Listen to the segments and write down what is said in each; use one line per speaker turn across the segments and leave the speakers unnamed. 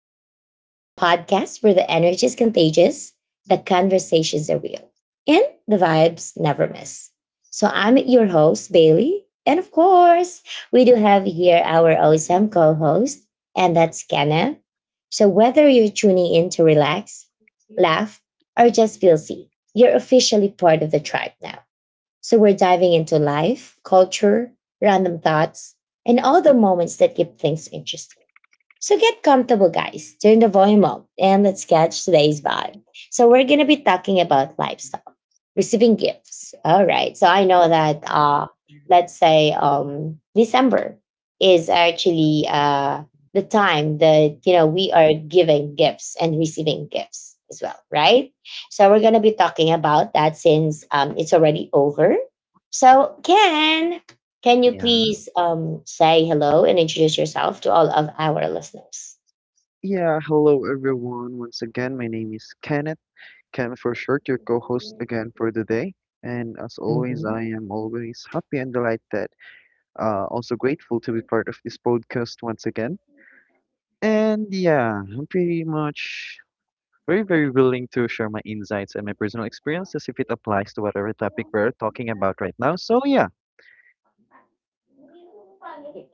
the Vibe Tribe, the podcast where the energy is contagious, the conversations are real, and the vibes never miss. So, I'm your host, Bailey. And of course, we do have here our awesome co host, and that's Kenna. So, whether you're tuning in to relax, laugh, or just feel seen, you're officially part of the tribe now. So, we're diving into life, culture, random thoughts, and all the moments that keep things interesting. So get comfortable, guys. Turn the volume up and let's catch today's vibe. So we're gonna be talking about lifestyle, receiving gifts. All right. So I know that, let's say December is actually the time that, you know, we are giving gifts and receiving gifts as well, right? So we're gonna be talking about that since, it's already over. So Ken, can you
Yeah.
please say hello and introduce yourself to all of our listeners?
Yeah. Hello, everyone. Once again, my name is Kenneth. Ken for short, your co-host again for the day. And as always,
Mhm.
I am always happy and delighted. Also grateful to be part of this podcast once again. And yeah, I'm pretty much very, very willing to share my insights and my personal experiences if it applies to whatever topic we're talking about right now. So yeah.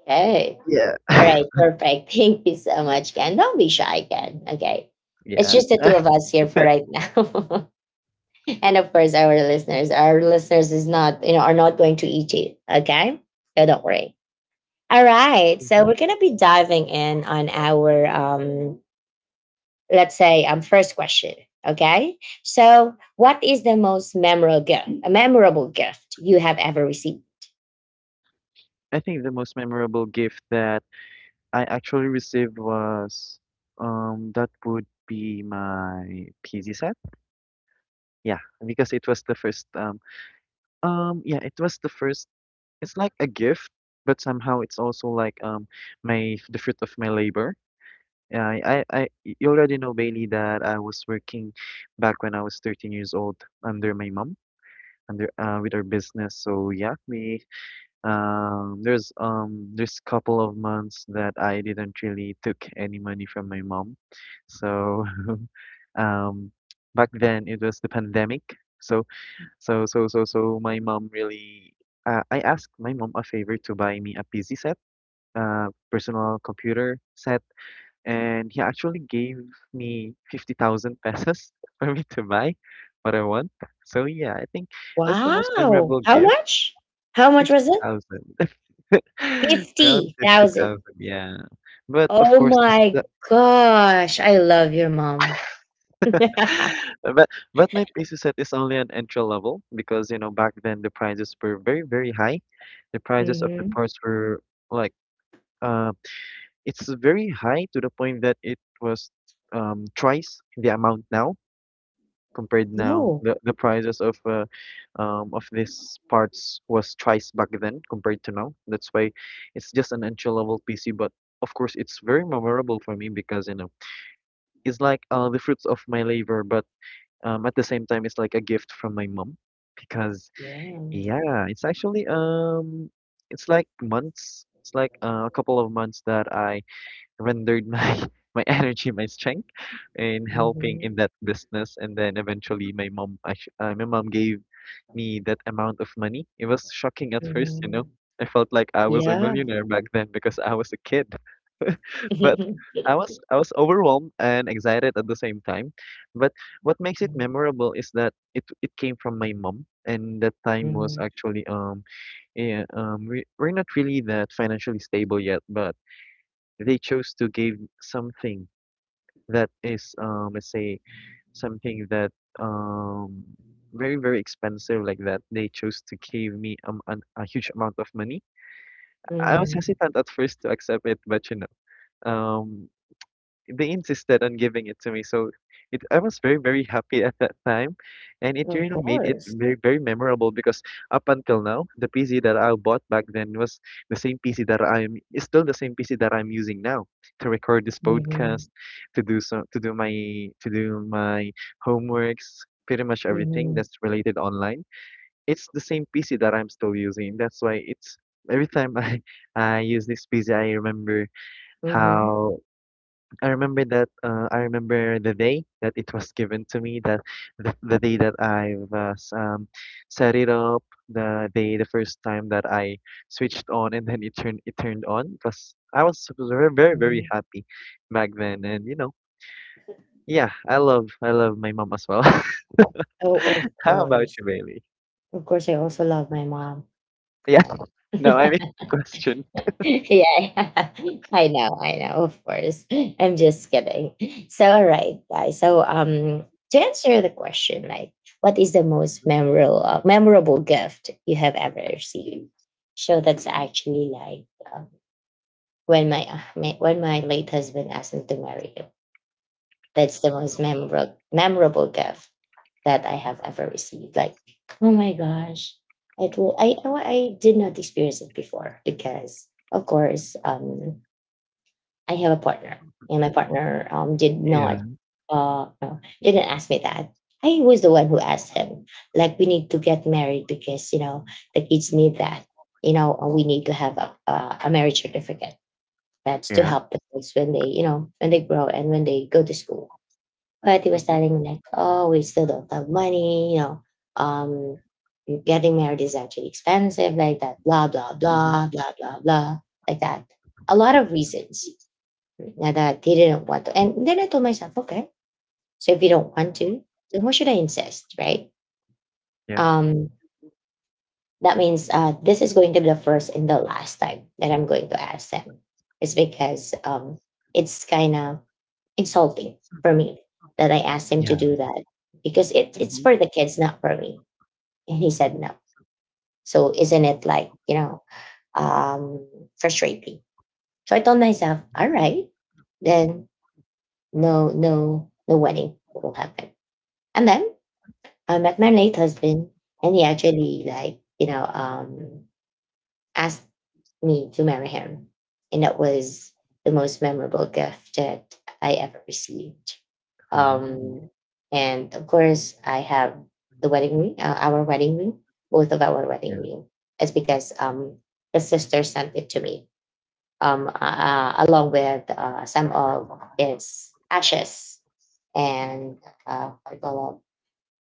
Okay. All
Yeah.
right, perfect. Thank you so much, Ken. Don't be shy, Ken. Okay. It's
Yeah.
just the two of us here for right now. And of course our listeners. Our listeners is not, you know, are not going to eat you. Okay? So don't worry. All right. So
Mhm.
we're gonna be diving in on our let's say first question, okay? So what is the most memorable gift, a memorable gift you have ever received?
I think the most memorable gift that I actually received was, that would be my PZ set. Yeah, because it was the first, yeah, it was the first, it's like a gift, but somehow it's also like, my the fruit of my labor. Yeah, I you already know Bailey that I was working back when I was 13 years old under my mom, under with her business. So yeah, we there's couple of months that I didn't really took any money from my mom. So um back then it was the pandemic. So so my mom really I asked my mom a favor to buy me a PC set, personal computer set, and he actually gave me 50,000 pesos for me to buy what I want. So yeah, I think that's the most
Wow,
memorable.
how much? How much was it?
50,000. Around
50,000?
50,000, yeah. But of
Oh
course,
my gosh, I love your mom.
but but my peso set is only an entry level because back then the prices were very very high. The prices of the
Hmm.
parts were like, uh, it's very high to the point that it was twice the amount now, compared now.
Oh,
The prices of these parts was twice back then compared to now. That's why it's just an entry level PC, but of course it's very memorable for me because you know it's like the fruits of my labor, but at the same time it's like a gift from my mom because
yeah.
yeah, it's actually, it's like months. It's like a couple of months that I rendered my my energy, my strength in helping in
Hmm.
that business. And then eventually, my mom gave me that amount of money. It was shocking at first, you know.
Hmm.
I felt like I was a
Yeah.
millionaire back then because I was a kid. But I was overwhelmed and excited at the same time. But what makes it
Mhm.
memorable is that it came from my mom, and that time was
Mhm.
actually, yeah we're not really that financially stable yet, but they chose to give something that is, let's say, something that, um very very expensive, like that they chose to give me a huge amount of money. I was
Mhm.
hesitant at first to accept it, but um they insisted on giving it to me. So it I was very, very happy at that time. And it
Of
really made it
course.
very, very memorable because up until now, the PC that I bought back then was the same PC, that I am is still the same PC that I'm using now to record this podcast,
Hmm.
to do so to do my to do my homeworks. Pretty much everything
Hmm.
that's related online. It's the same PC that I'm still using. That's why it's, every time I I use this PC, I remember
Hmm.
how, I remember the day that it was given to me, that the day that I was, set it up, the first time that I switched on, and then it turned on. It was I was very very
Hmm.
very happy back then, and yeah, I love my mom as well.
Oh, of
How about
course.
you, Bailey?
Of course, I also love my mom.
Yeah.
Ken.
No, I mean the question.
Yeah, I know, of course. I'm just kidding. So, all right, guys. So, to answer the question, like, what is the most memorable memorable gift you have ever received? So that's actually like, um, when my late husband asked me to marry him. That's the most memorable memorable gift that I have ever received. Like, oh my gosh, I told I did not experience it before because of course I have a partner and my partner did
Yeah,
not, no, didn't ask me that. I was the one who asked him, like, we need to get married because, you know, the kids need that. You know, we need to have a marriage certificate, that's to
yeah.
help the kids when they, you know, when they grow and when they go to school. But he was
Mm-hmm.
telling me like, oh, we still don't have money, you know, um, getting married is actually expensive, like that, blah, blah,
Mm-hmm.
blah, blah, blah, blah, like that. A lot of reasons, that he didn't want to. And then I told myself, okay, so if you don't want to, then why should I insist, right?
Yeah,
Um, that means, this is going to be the first and the last time that I'm going to ask them. It's because, it's kind of insulting for me that I asked him to
yeah.
do that, because it's
Mm-hmm.
for the kids, not for me. And he said
Mm-hmm.
no. So isn't it like, you know, um, frustrating? So I told myself, all right, then no, no, no wedding will happen. And then I met my late husband and he actually, like, you know, asked me to marry him. And that was the most memorable gift that I ever received.
Ah,
Um, and of course, I have the wedding ring, our wedding ring, both of our wedding
yeah,
ring. It's because, the sister sent it to me, along with some of his ashes and, what do you call it,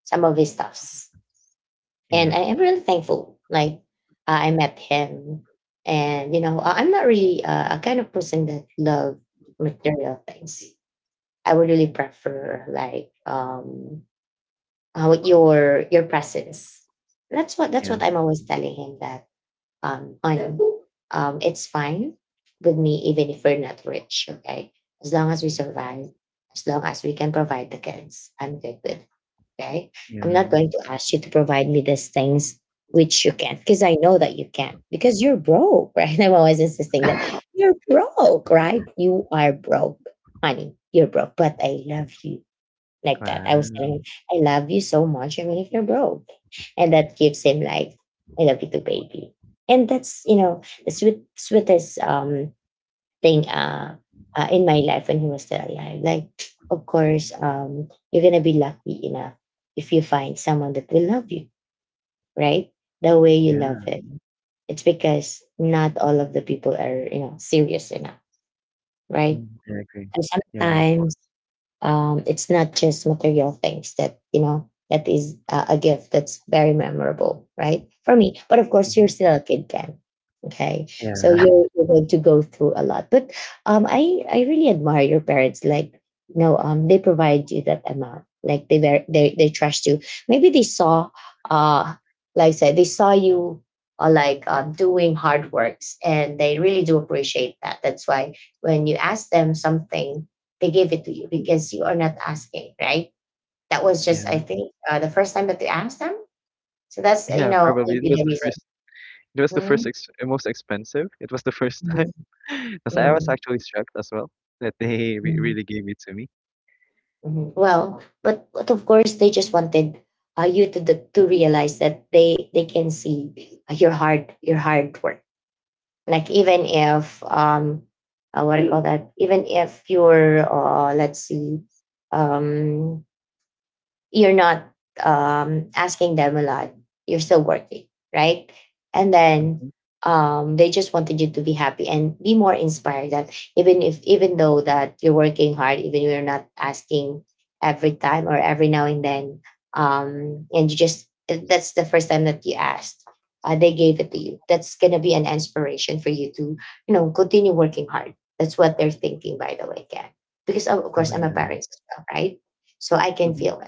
some of his stuffs.
yeah,
And I am really thankful. Like, I met him, and you know, I'm not really a kind of person that love material things. I would really prefer like, your presence. That's what that's
yeah,
what I'm always telling him that, on it's fine with me even if we're not rich. Okay, as long as we survive, as long as we can provide the kids, I'm good with. Okay. I'm not
yeah.
going to ask you to provide me these things which you can't, because I know that you can't because you're broke, right? I'm always insisting that you're broke, right? You are broke, honey. You're broke, but I love you, like that. I was
Wow.
telling him, I love you so much, even if you're broke. And that gives him like, I love you too, baby. And that's, you know, the sweet, sweetest thing, in my life when he was still alive. Like, of course, you're gonna be lucky enough if you find someone that will love you, right? The way you
Yeah.
love him. It's because not all of the people are, you know, serious enough, right?
Mm, I agree.
And
Yeah, of course.
sometimes, it's not just material things that, you know, that is a gift that's very memorable, right, for me. But of course you're
Mhm.
still a kid, Ken, okay? So
Yeah.
you're going to go through a lot. But um, I really admire your parents. Like, you know, they provide you that amount. Like they trust you. Maybe they saw, uh like I said, they saw you, doing hard works, and they really do appreciate that. That's why when you ask them something, they give it to you, because you are not asking, right? That was just, I
Yeah.
think, the first time that you asked them. So that's, you
Yeah,
know,
probably. It
maybe
was
the
the
reason.
first it was the first
Mhm.
ex most expensive. It was the first time.
Mhm.
Time. 'Cause I was
Mhm.
actually struck as well that they re
Mhm.
really gave it to me.
Mhm. Well, but of course they just wanted, you to to realize that they can see your hard work. Like even if, what do you call that? Even if you're, let's see, um you're not asking them a lot. You're still working, right? And then,
Mhm.
they just wanted you to be happy and be more inspired. That even if, even though that you're working hard, even you're not asking every time or every now and then, and you just, that's the first time that you asked. They gave it to you. That's gonna be an inspiration for you to, you know, continue working hard. That's what they're thinking, by the way, Ken. Because of
Oh,
course I'm a
yeah.
parent as well, right? So I can
Mhm.
feel,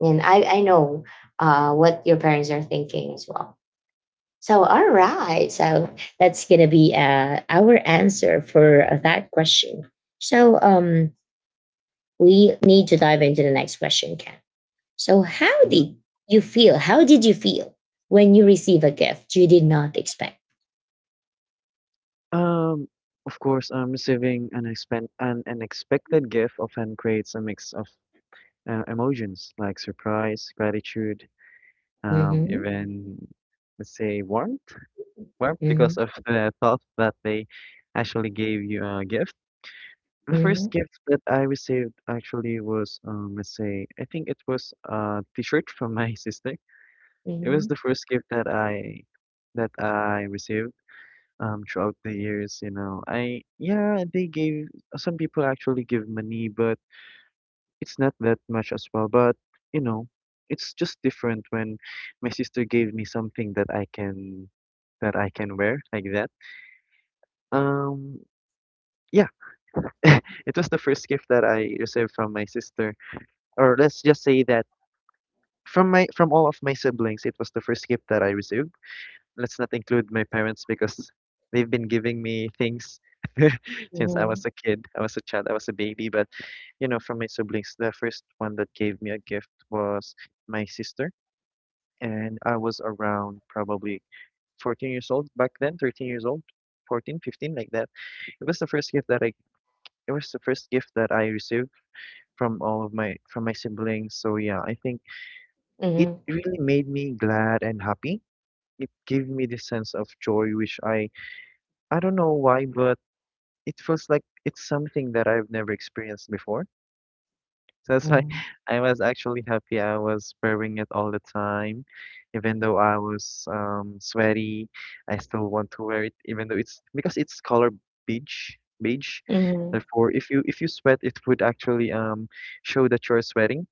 and I know, what your parents are thinking as well. So, all right. So, that's going to be our answer for that question. So, we need to dive into the next question, Ken. So, how
Mhm.
did you feel? How did you feel when you receive a gift you did not expect?
Um, of course, receiving an expen an unexpected gift often creates a mix of, emotions like surprise, gratitude,
Mhm.
even, let's say, warmth because
Mhm.
of the thought that they actually gave you a gift. The first
Mhm.
gift that I received actually was, let's say, I think it was a T-shirt from my sister. It was
Mhm.
the first gift that I received throughout the years. You know, they gave, some people actually give money, but it's not that much as well, but you know, it's just different when my sister gave me something that I can wear like that. Um, yeah, it was the first gift that I received from my sister, or let's just say that from all of my siblings, it was the first gift that I received. Let's not include my parents because they've been giving me things since I was a kid. I was a child, I was a baby, but you know, from my siblings, the first one that gave me a gift was my sister. And I was around probably 14 years old back then, 13 years old, 14, 15, like that. It was the first gift that I it was the first gift that I received from all of my from my siblings. So yeah, I think it
Mhm.
really made me glad and happy. It gave me this sense of joy, which I don't know why, but it feels like it's something that I've never experienced before. So that's why
Mhm.
I was actually happy. I was wearing it all the time. Even though I was sweaty, I still want to wear it, even though it's, because it's color beige, beige.
Mhm.
Therefore, if you sweat, it would actually show that you're sweating.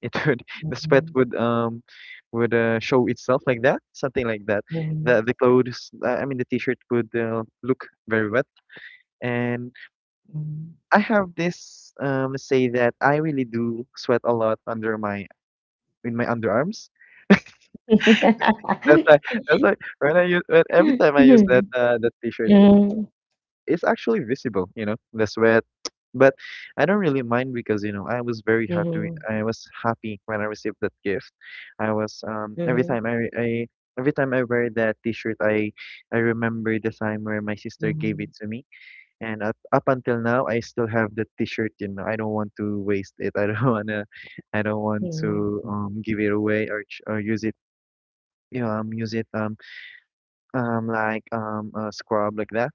It would the sweat
Mhm.
would show itself like that, something like that. The
Mhm.
the clothes, I mean the t-shirt would look very wet. And
Mhm.
I have this, let's say that I really do sweat a lot under my in my underarms. That's why that's why when I use when every
Mhm.
time I use that uh, that t-shirt, it,
Mhm.
it's actually visible, you know, the sweat. But I don't really mind because I was very happy.
Mhm.
I was happy when I received that gift. I was, every
Mhm.
time I, every time I wear that t-shirt, I remember the time where my sister gave
Mhm.
it to me. And up until now, I still have the T-shirt. You know, I don't want to waste it. I don't wanna, I don't want to
Mhm.
give it away or use it. You know, use it, like a scrub, like that,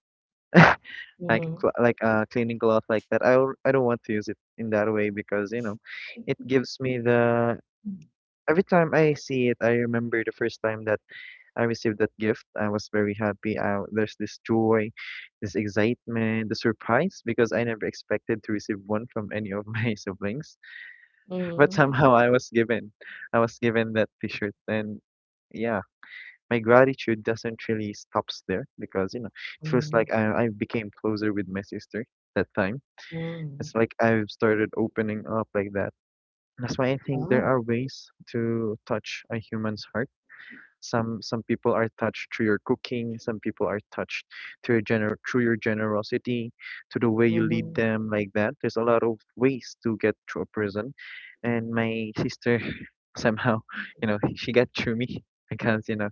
Mhm.
like a cleaning cloth, like that. I don't want to use it in that way because it gives me, the every time I see it, I remember the first time that I received that gift. I was very happy. There's this joy, this excitement, the surprise because I never expected to receive one from any of my siblings. But
Mhm.
somehow I was given, that T-shirt, and yeah, my gratitude doesn't really stops there because it feels like
Mhm.
I became closer with my sister that time.
Mhm.
It's like I've started opening up like that. That's why I think there
Oh.
are ways to touch a human's heart. Some people are touched through your cooking. Some people are touched through your generosity, to the way you lead
Mhm.
them, like that. There's a lot of ways to get through a prison, and my sister somehow, she got through me because you know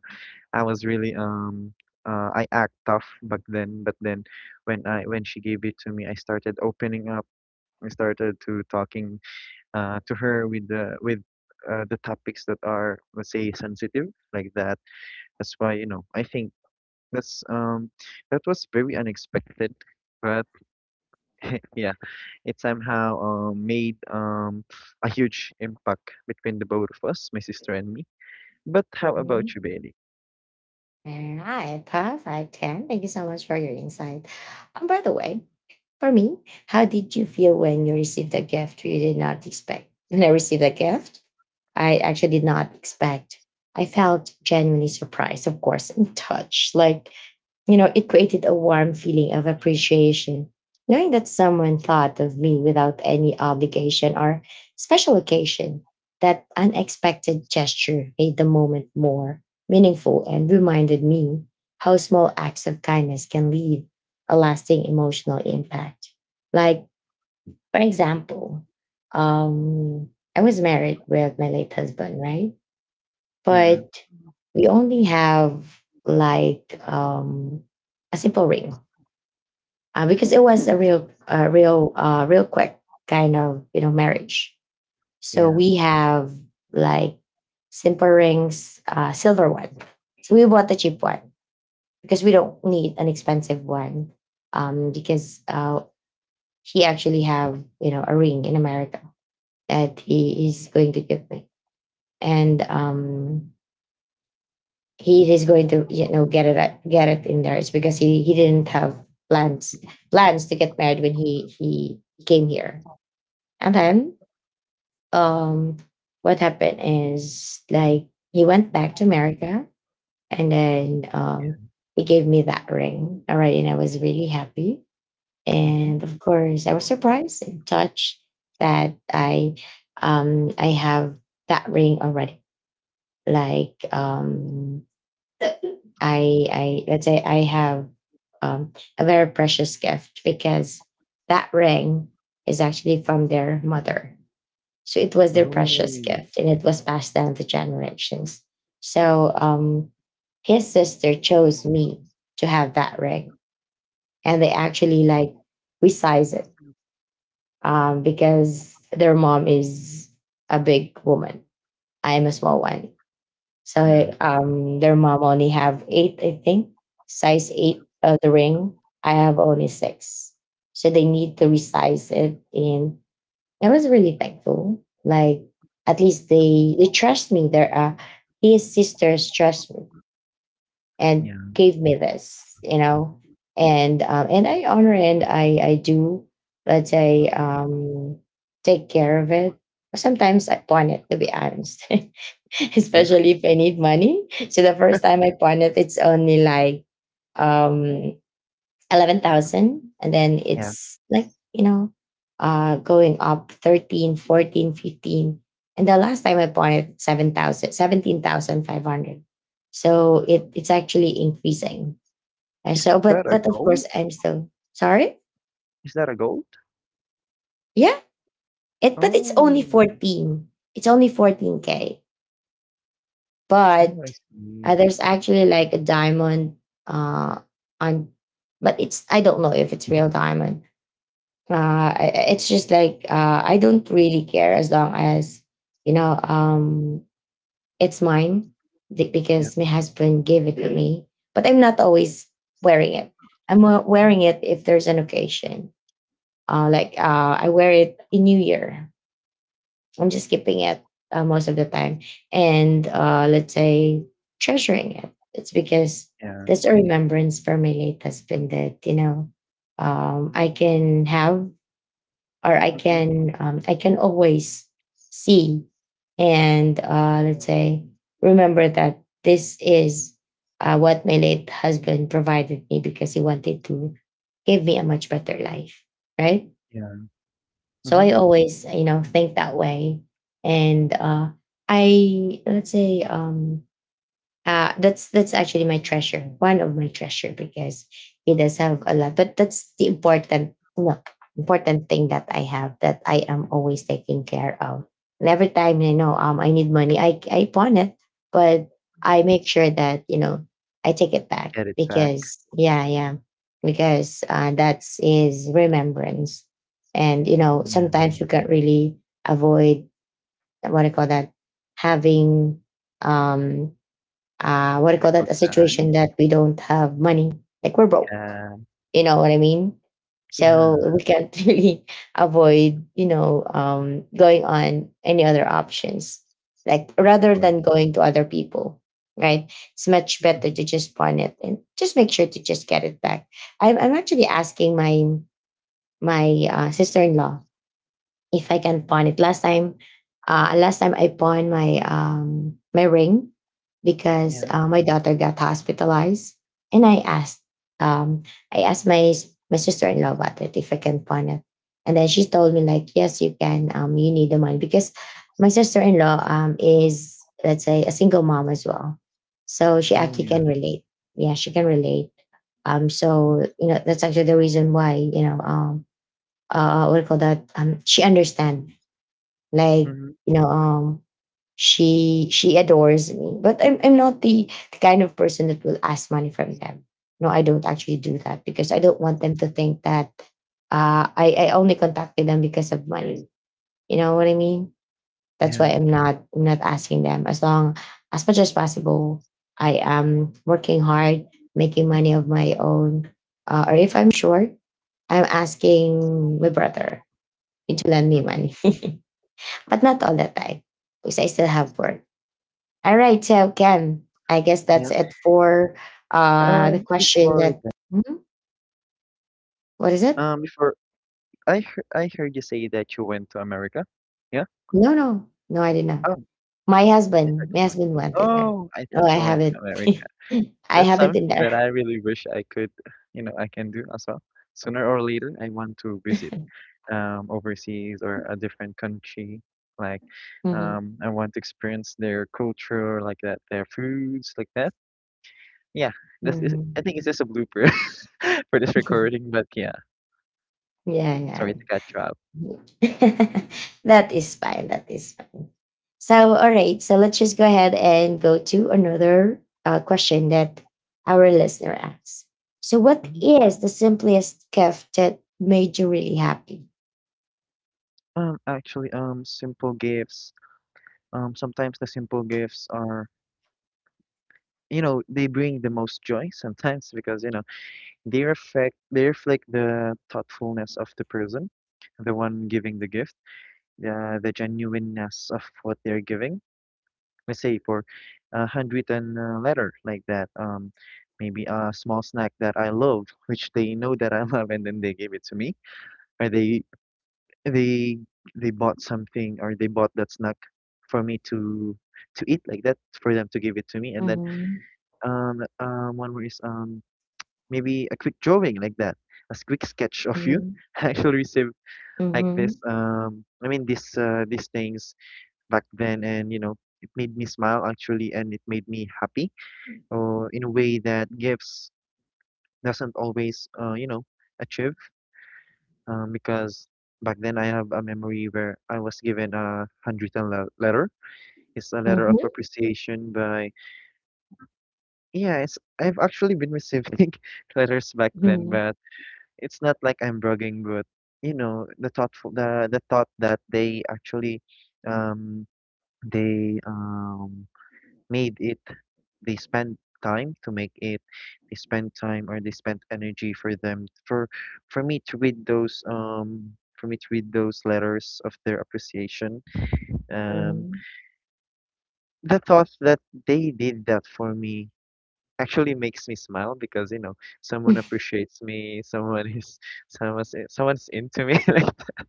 I was really I act tough back then, but then when I when she gave it to me, I started opening up. I started to talking, to her with the topics that are, let's say, sensitive, like that. That's why, you know, I think that's um that was very unexpected, but yeah, it somehow made a huge impact between the both of us, my sister and me. But how about
Mhm.
you, Bailey?
All right. Perfect. Ken, thank you so much for your insight. And by the way, for me, how did you feel when you received a gift you did not expect? When I received a gift, I actually did not expect. I felt genuinely surprised, of course, and touched. Like, you know, it created a warm feeling of appreciation, knowing that someone thought of me without any obligation or special occasion. That unexpected gesture made the moment more meaningful and reminded me how small acts of kindness can leave a lasting emotional impact. Like, for example, um, I was married with my late husband, right?
Yeah,
But we only have like, a simple ring, because it was a real quick kind of, you know, marriage. So
yeah,
we have like simple rings, silver one. So we bought the cheap one because we don't need an expensive one. Because he actually have, you know, a ring in America that he is going to give me, and he is going to, you know, get it in there. It's because he didn't have plans plans to get married when he came here. And then, um, what happened is like he went back to America, and then,
yeah.
he gave me that ring. All right. And I was really happy.
Mm-hmm.
And of course, I was surprised and touched that I, I have that ring already. Like, I let's say I have, um, a very precious gift, because that ring is actually from their mother. So it was their precious
Oh,
gift and it was passed down to generations. So, his sister chose me to have that ring. And they actually like resize it, because their mom is a big woman. I am a small one. So,
yeah,
their mom only have eight, I think, size eight of the ring. I have only six. So they need to resize it, and I was really thankful. Like at least they trust me. There are his sisters trust me and
yeah,
gave me this. And I honor, and I do, let's say, take care of it. Sometimes I pawn it, to be honest,
yeah,
especially if I need money. So the first time I pawn it, it's only like um 11,000, and then
yeah.
it's like you know, going up 13, 14, 15, and the last time I bought it, 7,000, 17,500. So it's actually increasing. Uh,
Is
So,
that
but
a
but of
gold?
course, I'm still sorry.
Is that a gold?
Yeah, it, but it's only
Oh,
14. It's only 14K k.
oh,
But
I see.
there's actually like a diamond uh on, but it's, I don't know if it's real diamond. It's just like I don't really care, as long as you know um, it's mine,
Yeah,
because my husband gave it to me. But I'm not always wearing it. I'm
mm-hmm.
wearing it if there's an occasion. Like I wear it in New Year. I'm just keeping it most of the time, and let's say treasuring it. It's because
Yeah,
that's a remembrance for my late husband that I can have, or
mm-hmm.
I can always see and, let's say, remember that this is what my late husband provided me, because he wanted to give me a much better life, right?
Yeah.
So
Mm-hmm.
I always think that way, and I let's say, that's actually my treasure, one of my treasure, because he does have a lot. But that's the important no important thing that I have, that I am always taking care of. And every time I know, I need money, I pawn it, but I make sure that I take it back,
Get it back.
because yeah, yeah, because that's is remembrance, and you know,
Yeah.
sometimes you can't really avoid, what I call that, having um what do you call that?
Difficult
A situation
times.
that we don't have money, like we're broke.
Yeah.
You know what I mean?
Yeah,
So we can't really avoid, you know, going on any other options, like
of
rather
course.
than going to other people, right? It's much better
Mhm.
to just pawn it and just make sure to just get it back. I'm actually asking my sister in law if I can pawn it. Last time I pawned my ring because
Yeah.
my daughter got hospitalized, and um I asked my sister in law about it if I can pawn it, and then she told me like, yes, you can, you need the money, because my sister in law is, let's say, a single mom as well, so she
Oh,
actually
yeah.
can relate. Yeah, she can relate. So you know, that's actually the reason why, you know what do you call that she understand, like,
Mhm.
you know, she adores me, but I'm not the kind of person that will ask money from them. No, I don't actually do that, because I don't want them to think that I only contacted them because of money. You know what I mean? That's why
Yeah.
I'm not asking them. As long as much as possible, I am working hard, making money of my own. Or if I'm short, I'm asking my brother to lend me
Mhm.
money, but not all the time, because I still have work. All right, so Ken, I guess
Yeah.
that's it for the question
Before
that.
that,
Mhm. What is it?
before I heard you say that you went to America. Yeah?
No, no, no, I did not.
Oh, I thought
My
you went.
husband went in there.
Oh, I
No,
thought
I
you
have
went to
it.
America.
I
That's
have it in
something
there.
that I really wish I could, I can do as well. Sooner or later, I want to visit overseas or a different country. Like,
Mhm.
I want to experience their culture, like that, their foods, like that. Yeah, this is I
Mhm.
think it's just a blooper for this recording, but yeah,
Yeah, yeah.
sorry to catch you up.
That is fine. That is So, all right. So let's just go ahead and go to another question that our listener asks. So, what
Mhm.
is the simplest gift that made you really happy?
Actually, simple gifts. Sometimes the simple gifts are, you know, they bring the most joy sometimes because, you know, they reflect the thoughtfulness of the person, the one giving the gift, the genuineness of what they're giving. Let's say for a handwritten letter like that, maybe a small snack that I love which they know that I love, and then they gave it to me, or they they bought something, or they bought that snack for me to eat like that, for them to give it to me. And then
Mm-hmm.
one more is, maybe a quick drawing like that, a quick sketch of you.
Mm-hmm.
I actually received like this, I mean this, these things back then, and you know, it made me smile actually, and it made me happy, or in a way that gifts doesn't always, you know, achieve. Because back then I have a memory where I was given a handwritten letter. It's a letter of
Mm-hmm.
appreciation. By yeah, it's I've actually been receiving letters back then,
Mm-hmm.
but it's not like I'm bragging, but you know, the thought that they actually, um they made it, they spend time to make it, they spend time or they spend energy for them, for me to read those, for me to read those letters of their appreciation. um the thought that they did that for me actually makes me smile, because you know, someone appreciates me, someone is someone's into me. like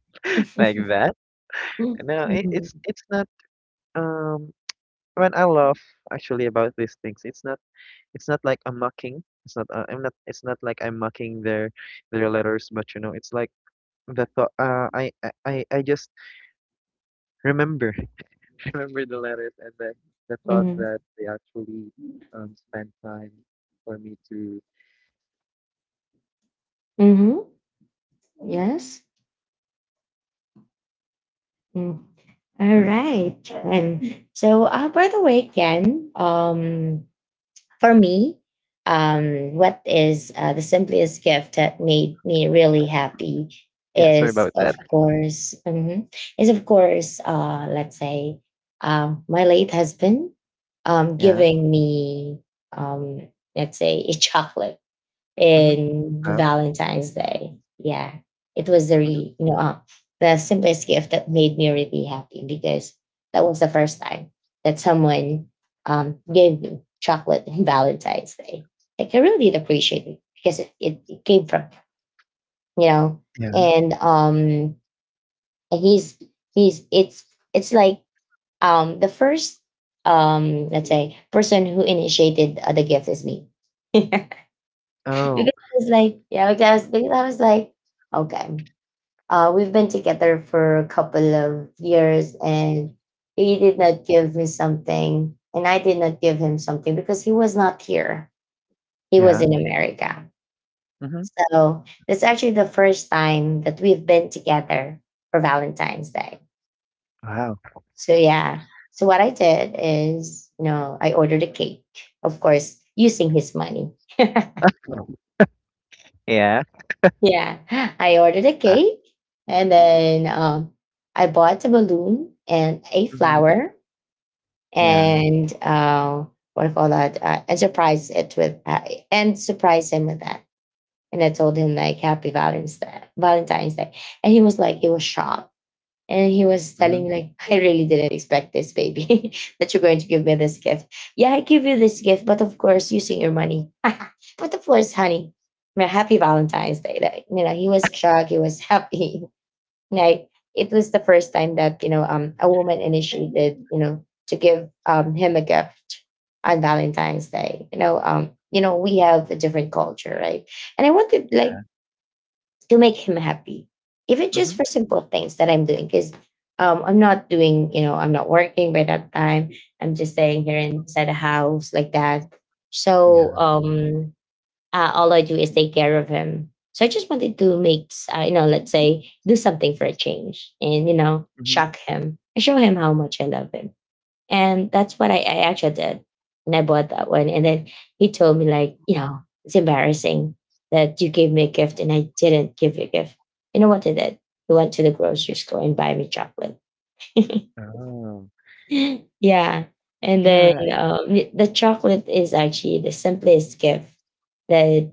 like
Mm-hmm.
that. No, it's it's not. um when I laugh actually about these things, it's not, it's not like I'm mocking. It's not, I'm not it's not like I'm mocking their letters, but you know, it's like the thought, I just remember. Remember the letters and the thought
Mm-hmm.
that they actually spend time for me to
hmm Yes. Mm. All right. And so, by the way, Ken, for me, what is the simplest gift that made me really happy
yeah, sorry
is,
about
of
that.
course, is of course, let's say, my late husband
Yeah.
giving me, um, a chocolate
Mm-hmm.
in
Wow.
Valentine's Day. Yeah, it was the
Mm-hmm.
really, the simplest gift that made me really happy, because that was the first time that someone gave me chocolate on Valentine's Day. Like, I really did appreciate it, because it came from, you know,
Yeah.
and um and he's it's like, the first, let's say, person who initiated the gift is me. Because
Oh,
I was like, because I was like, okay, we've been together for a couple of years, and he did not give me something, and I did not give him something, because he was not here. He was
yeah.
in America,
Mm-hmm.
so that's actually the first time that we've been together for Valentine's Day.
Wow.
So yeah, so what I did is, you know, I ordered a cake, of course, using his money.
Yeah.
Yeah, I ordered a
Ah.
cake, and then I bought a balloon and a
Mm-hmm.
flower
Yeah.
and what do you call that? And surprised it with and surprised him with that. And I told him like, Happy Valentine's Day, and he was like, he was shocked, and he was
Mm-hmm.
telling me like, I really didn't expect this, baby, that you're going to give me this gift. Yeah, I give you this gift, but of course using your money. But of course, honey, my happy Valentine's Day. Like, you know, he was shocked, he was happy. Like, it was the first time that, you know, a woman initiated, you know, to give him a gift on Valentine's Day. You know, we have a different culture, right? And I wanted like
Yeah.
to make him happy, even just
Mm-hmm.
for simple things that I'm doing. Because I'm not doing, you know, I'm not working by that time. I'm just staying here inside the house like that. So
Yeah.
all I do is take care of him. So I just wanted to you know, let's say, do something for a change, and you know,
Mm-hmm.
shock him and show him how much I love him. And that's what I actually did. And I bought that one. And then he told me, like, you know, it's embarrassing that you gave me a gift and I didn't give you a gift. You know what he did? He went to the grocery store and buy me chocolate.
Oh.
Yeah. And then
Yeah.
the chocolate is actually the simplest gift that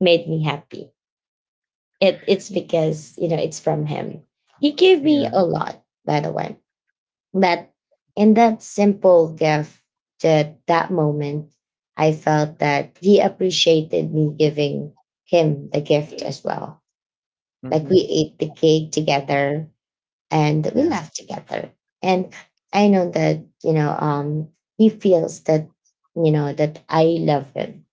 made me happy. It's because, you know, it's from him. He gave me a
yeah.
lot, by the way. But in that simple gift, that that moment, I felt that he appreciated me giving him the gift as well. Like,
Mm-hmm.
we ate the cake together and we
Yeah.
laughed together, and I know that, he feels that, you know, that I love him,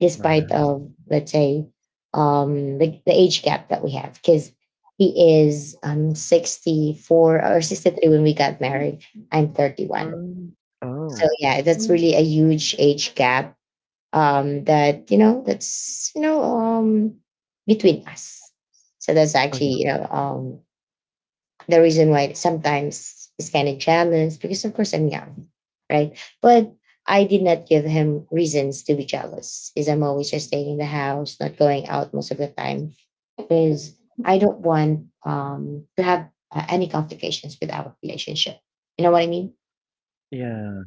despite
Wow.
of, let's say, the age gap that we have, because he is 64 or 63 when we got married. I'm 31.
Mm,
So
oh.
yeah, that's really a huge age gap that you know that's you know between us. So that's
Oh,
actually,
yeah.
the reason why sometimes he's kind of jealous, because of course I'm young, right? But I did not give him reasons to be jealous, because I'm always just staying in the house, not going out most of the time, because I don't want, to have any complications with our relationship. You know what I mean?
Yeah.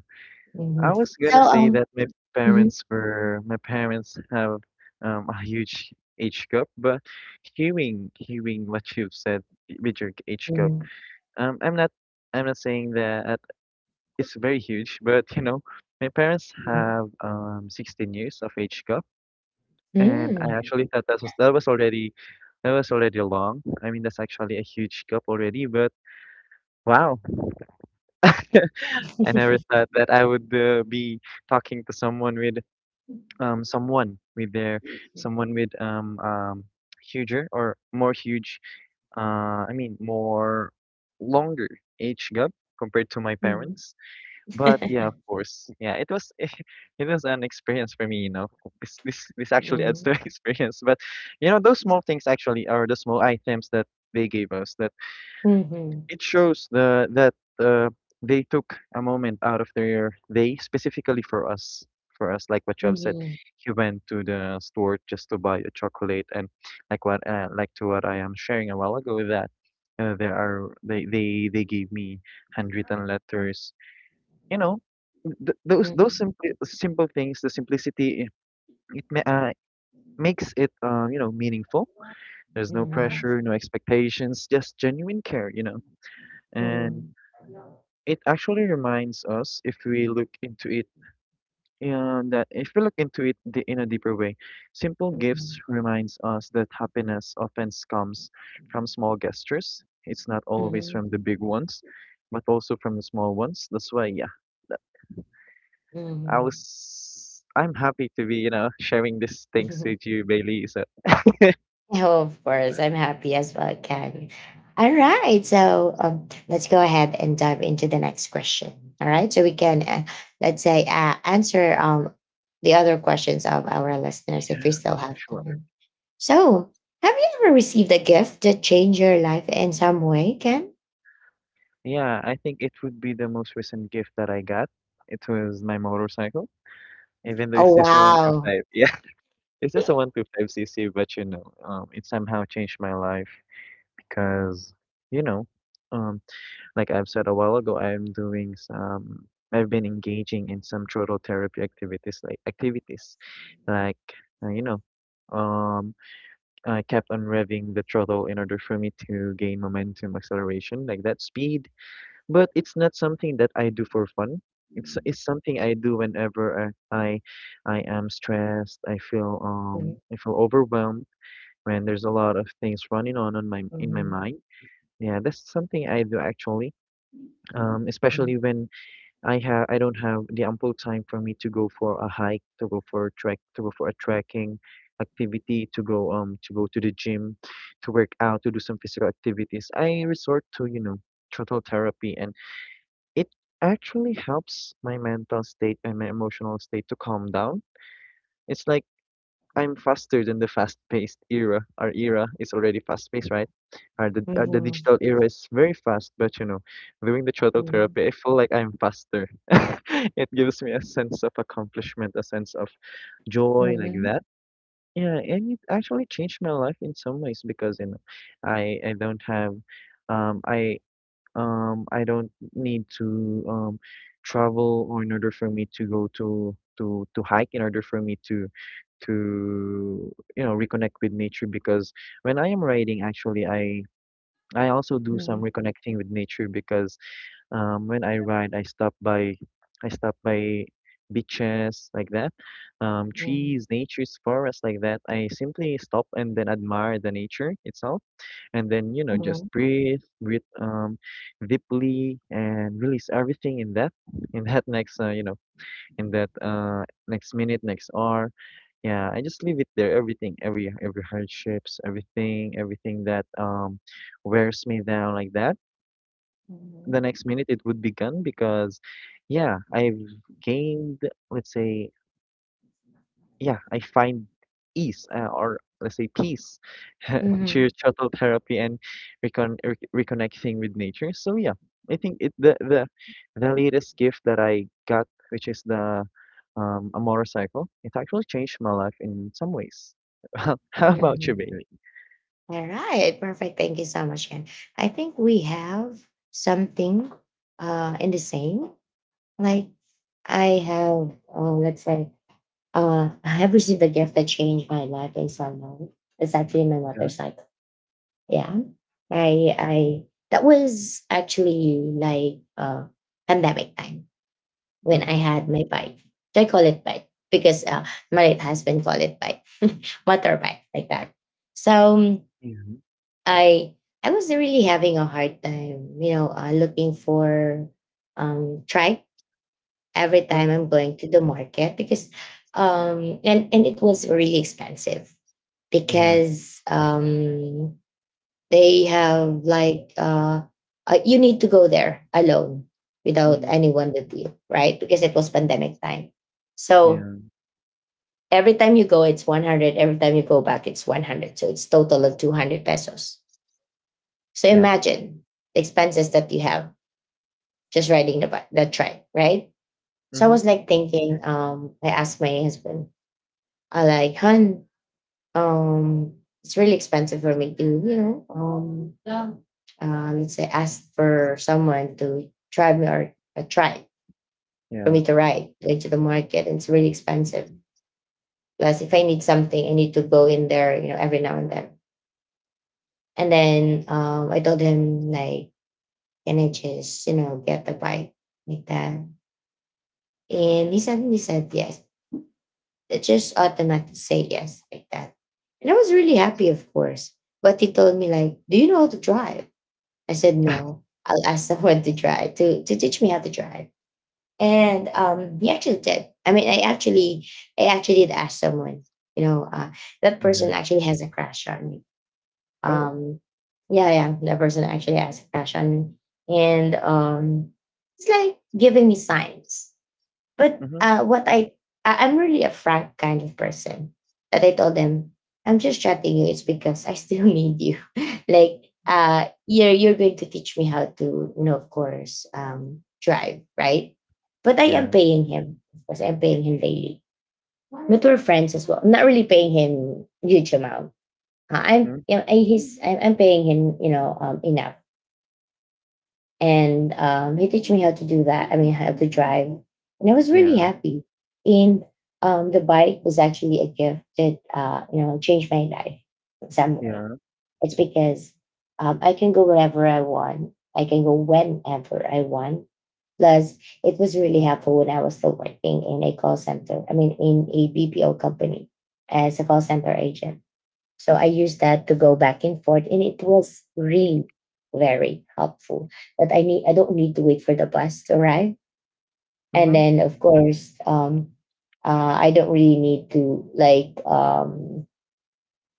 I
Hmm.
was gonna say that
Hmm.
my parents have a huge age gap, but hearing what you've said with your age gap,
Hmm.
I'm not, I'm not saying that it's very huge, but you know, my parents have 16 years of age gap, and I
Hmm.
actually thought that was, that was already long. I mean, that's actually a huge gap already, but wow. I never thought that I would, be talking to someone with, someone with their someone with huger or more huge, more longer age gap compared to my
Hmm.
parents. But yeah, of course, yeah, it was it was an experience for me, you know. This actually adds to experience. But you know, those small things actually are the small items that they gave us, that
Mhm.
it shows the that, they took a moment out of their day specifically for us. For us, like what you have said,
Mhm.
he went to the store just to buy a chocolate, and like to what I am sharing a while ago, that, there are they gave me handwritten letters. You know, those those
Mhm.
simple simple things, the simplicity, it ma- uh, makes it, you know, meaningful. There's no
Mhm.
pressure, no expectations, just genuine care. You know, and it actually reminds us, if we look into it, and that if we look into it the, in a deeper way, simple gifts
Mhm.
reminds us that happiness often comes from small gestures. It's not
Mhm.
always
Mhm.
from the big ones, but also from the small ones. That's why, yeah, that- I
Mhm.
was, I'm happy to be, you know, sharing these things
Mhm.
with you, Bailey. So,
Oh, of course, I'm happy as well, Ken. All right, so let's go ahead and dive into the next question. All right, so we can, let's say answer the other questions of our listeners if we still have
sure.
time. So, have you ever received a gift that changed your life in some way, Ken?
Yeah, I think it would be the most recent gift that I got. It was my motorcycle, even though
Oh
it's just a one two
wow!
five. Yeah. It's just a 125cc, but you know, it somehow changed my life, because, you know, um, like I've said a while ago, I've been engaging in some throttle therapy activities, like you know, um, I kept on revving the throttle in order for me to gain momentum, acceleration, like that, speed. But it's not something that I do for fun. It's something I do whenever I am stressed.
Mhm,
I feel overwhelmed when there's a lot of things running on my
mhm,
mind. Yeah, that's something I do actually. Especially when I don't have the ample time for me to go for a hike, to go for a trek, to go for a trekking activity, to go to the gym, to work out, to do some physical activities. I resort to, you know, throttle therapy, and it actually helps my mental state and my emotional state to calm down. It's like I'm faster than the fast-paced era. Our era is already fast-paced, right? Our the
mhm,
digital era is very fast, but you know, doing the throttle
mhm,
therapy, I feel like I'm faster. It gives me a sense of accomplishment, a sense of joy, like
mhm,
that. Yeah, and it actually changed my life in some ways, because you know, I I don't have, um, I I don't need to um travel, or in order for me to go to hike, in order for me to you know reconnect with nature. Because when I am riding, actually, I also do some
mhm,
reconnecting with nature, because when I ride, I stop by beaches like that,
mhm,
trees, nature's forests like that. I simply stop and then admire the nature itself, and then you know
mhm,
just
mhm,
breathe deeply, and release everything in that next, you know in that next minute, next hour. Yeah, I just leave it there. Everything, every hardships, everything that wears me down like that. The
mhm,
next minute it would be gone, because, yeah, I've gained, let's say, yeah, I find ease, or let's say peace through
mhm.
shuttle therapy and reconnecting with nature. So yeah, I think it the latest gift that I got, which is the a motorcycle, it actually changed my life in some ways. How about you,
Mhm.
Right. Bailey?
All right, perfect. Thank you so much, Ken. I think we have something in the same. Like, I have, I have received a gift that changed my life in some way. It's actually my
Yeah.
motorcycle. Yeah, I that was actually like pandemic time when I
Mm-hmm.
had my bike. I call it bike because my late husband called it bike, motorbike like that. So
Hmm.
I I was really having a hard time, you know, looking for tripe every time
Mm-hmm.
I'm going to the market because and it was really expensive
Yeah.
because they have like you need to go there alone without
Hmm.
anyone with you, right? Because it was pandemic time. So
Yeah.
every time you go it's 100, every time you go back it's 100. So it's total of 200 pesos. So
Yeah.
imagine the expenses that you have just riding the bike, the trike, right? So I
Hmm.
was like thinking, I asked my husband, I like, hun, um, it's really expensive for me to, you know, let's say ask for someone to drive me or a trike for
Yeah.
me to ride like, to the market. It's really expensive. Plus, if I need something, I need to go in there, you know, every now and then. And then I told him like, can I just, you know, get the bike like that? And he suddenly said yes. They just automatically say yes like that. And I was really happy, of course. But he told me like, "Do you know how to drive?" I said, "No. I'll ask someone to drive to teach me how to drive." And he actually did. I mean, I actually did ask someone. You know, that person
Yeah.
actually has a crush on me.
Oh.
Um, yeah, yeah, that person actually has a crush on me, and it's like giving me signs. But
Mm-hmm.
I'm really a frank kind of person. That I told them, I'm just chatting you. It's because I still need you. like, you're going to teach me how to, you know, of course, drive, right? But I am
Yeah.
paying him. Of course, I'm paying him daily. But we're friends as well. I'm not really paying him huge amount. Uh, I'm, you
Hmm.
know, I'm paying him, you know, enough and he teach me how to do that. I mean, how to drive, and I was really
Yeah.
happy. And the bike was actually a gift that you know changed my life in some way.
Yeah.
It's because I can go wherever I want. I can go whenever I want. Plus, it was really helpful when I was still working in a call center. I mean, in a BPO company as a call center agent, so I use that to go back and forth, and it was really very helpful. I don't need to wait for the bus to arrive, and
Hmm.
then of course, I don't really need to like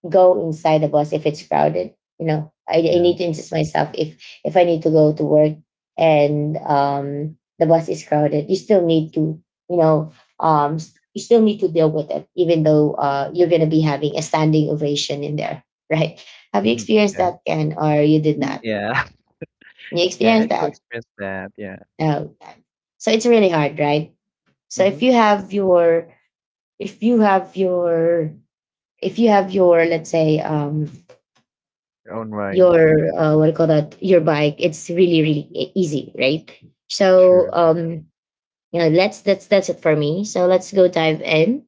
go inside the bus if it's crowded. You know, I
Yeah.
need to insist myself if I need to go to work and the bus is crowded, you still need to, you know, you still need to deal with it, even though you're gonna be having a standing ovation in there, right? Have you
Mhm.
experienced
Yeah.
that, Ken, or you did not?
Yeah.
You
Yeah. I
experienced
actually
that?
experienced that. Yeah.
No. So it's really hard, right? So
Hmm.
if you have your if you have your let's say
Your own ride.
your what do you call that, your bike, it's really really easy, right? So
True.
you know let's that's it for me, so let's go dive in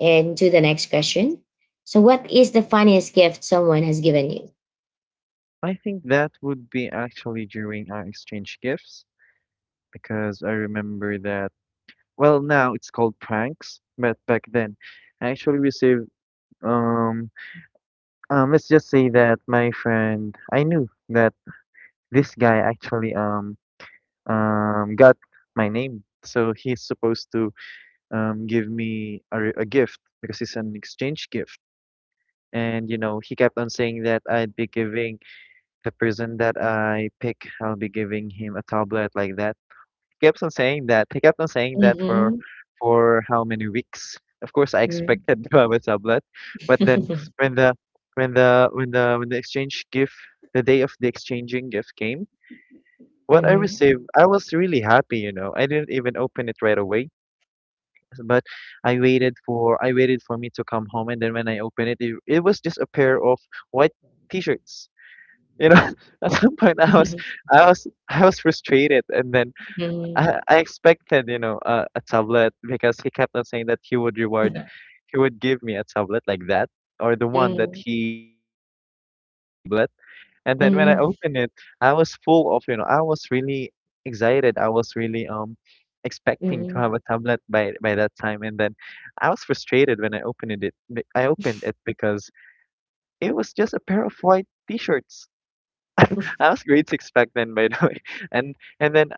and to the next question. So what is the funniest gift someone has given you?
I think that would be actually during our exchange gifts, because I remember that, well, now it's called pranks, but back then I actually received, um, let's just say that my friend, I knew that this guy actually, got my name. So he's supposed to, give me a, a gift, because it's an exchange gift. And, you know, he kept on saying that I'd be giving the person that I pick, I'll be giving him a tablet like that, kept on saying that. He kept on saying that
Mm-hmm.
for how many weeks? Of course, I
Mm-hmm.
expected Baba Tablet, but then when the exchange gift, the day of the exchanging gift came, what I
Mm-hmm.
received, I was really happy. You know, I didn't even open it right away, but I waited for me to come home, and then when I opened it, it was just a pair of white T-shirts. You know, at some point I was frustrated, and then
Mm-hmm.
I expected, you know, a tablet, because he kept on saying that he would give me a tablet like that, or the one that
Mm-hmm.
he picks would have a tablet. And then when I
Mm-hmm.
opened it, I was full of, you know, I was really excited. I was really expecting to have a tablet by that time. And then I was frustrated when I opened it. I opened it because it was just a pair of white t-shirts. I was grade six back then, by the way, and and then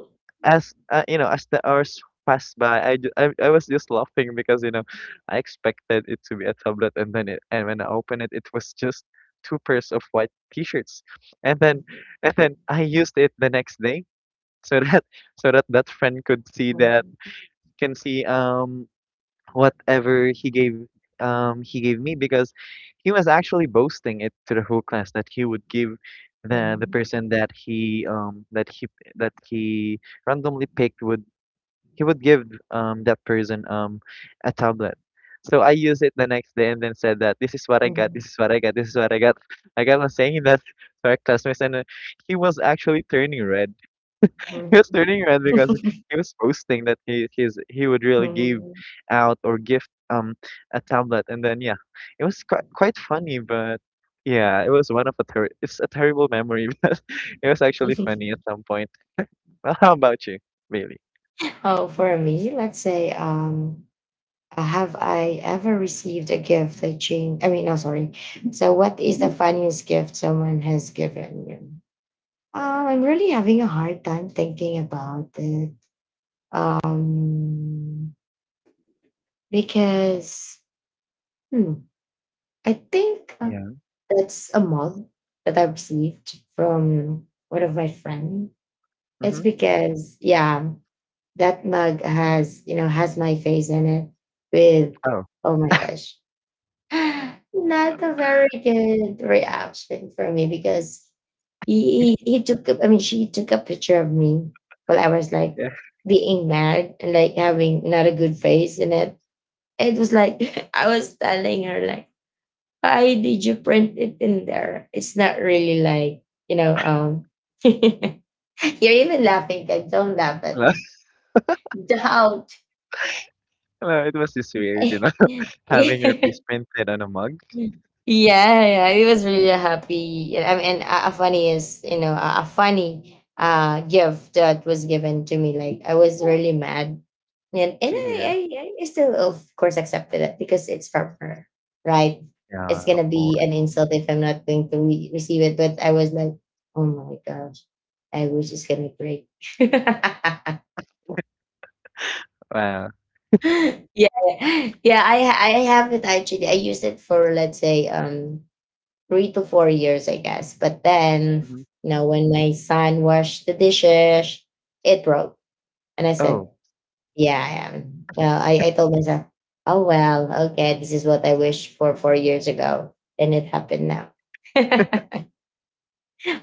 as the hours passed by, I, ju- I was just laughing because I expected it to be a tablet, and when I opened it, it was just two pairs of white T-shirts, and then and then I used it the next day so that so that that friend could see that can see whatever he gave me because he was actually boasting it to the whole class that he would give the person that he randomly picked would he would give that person a tablet. So I used it the next day and then said that this is what I got, this is what I got, this is what I got. I got on saying that to our classmates and he was actually turning red. He was turning red because he was posting that he would really give out or gift a tablet, and then yeah, it was quite funny, but yeah, it was one of a ter it's a terrible memory, but it was actually funny at some point. Well, how about you, Bailey?
Oh, for me, let's say have I ever received a gift that changed? I mean, no, sorry. So, what is the funniest gift someone has given you? I'm really having a hard time thinking about it. Um, because hmm, I think
Yeah.
that's a mug that I received from one of my friends. It's
Mm-hmm.
because yeah, that mug has you know has my face in it with
Oh,
oh my gosh. Not a very good reaction for me because he took I mean she took a picture of me while I was like
yeah.
being mad and like having not a good face in it. It was like I was telling her like why did you print it in there? It's not really like you know you're even laughing. Kat. Don't laugh at doubt.
No, no, it was just weird, having your face
Yeah.
printed on a mug.
Mm. Yeah, yeah, it was really happy. I mean, a funny is you know a funny gift that was given to me. Like I was really mad, and
Yeah.
I still of course accepted it because it's from her, right? It's
Yeah, of
gonna be an
course.
insult if I'm not going to receive it. But I was like, oh my gosh, I wish it's gonna break.
Wow.
Yeah, yeah. I have it actually. I use it for let's say 3 to 4 years, I guess. But then,
Hmm.
you know, when my son washed the dishes, it broke. And I said,
Oh,
yeah, I am. You know, I told myself, oh, well, okay, this is what I wished for 4 years ago. And it happened now.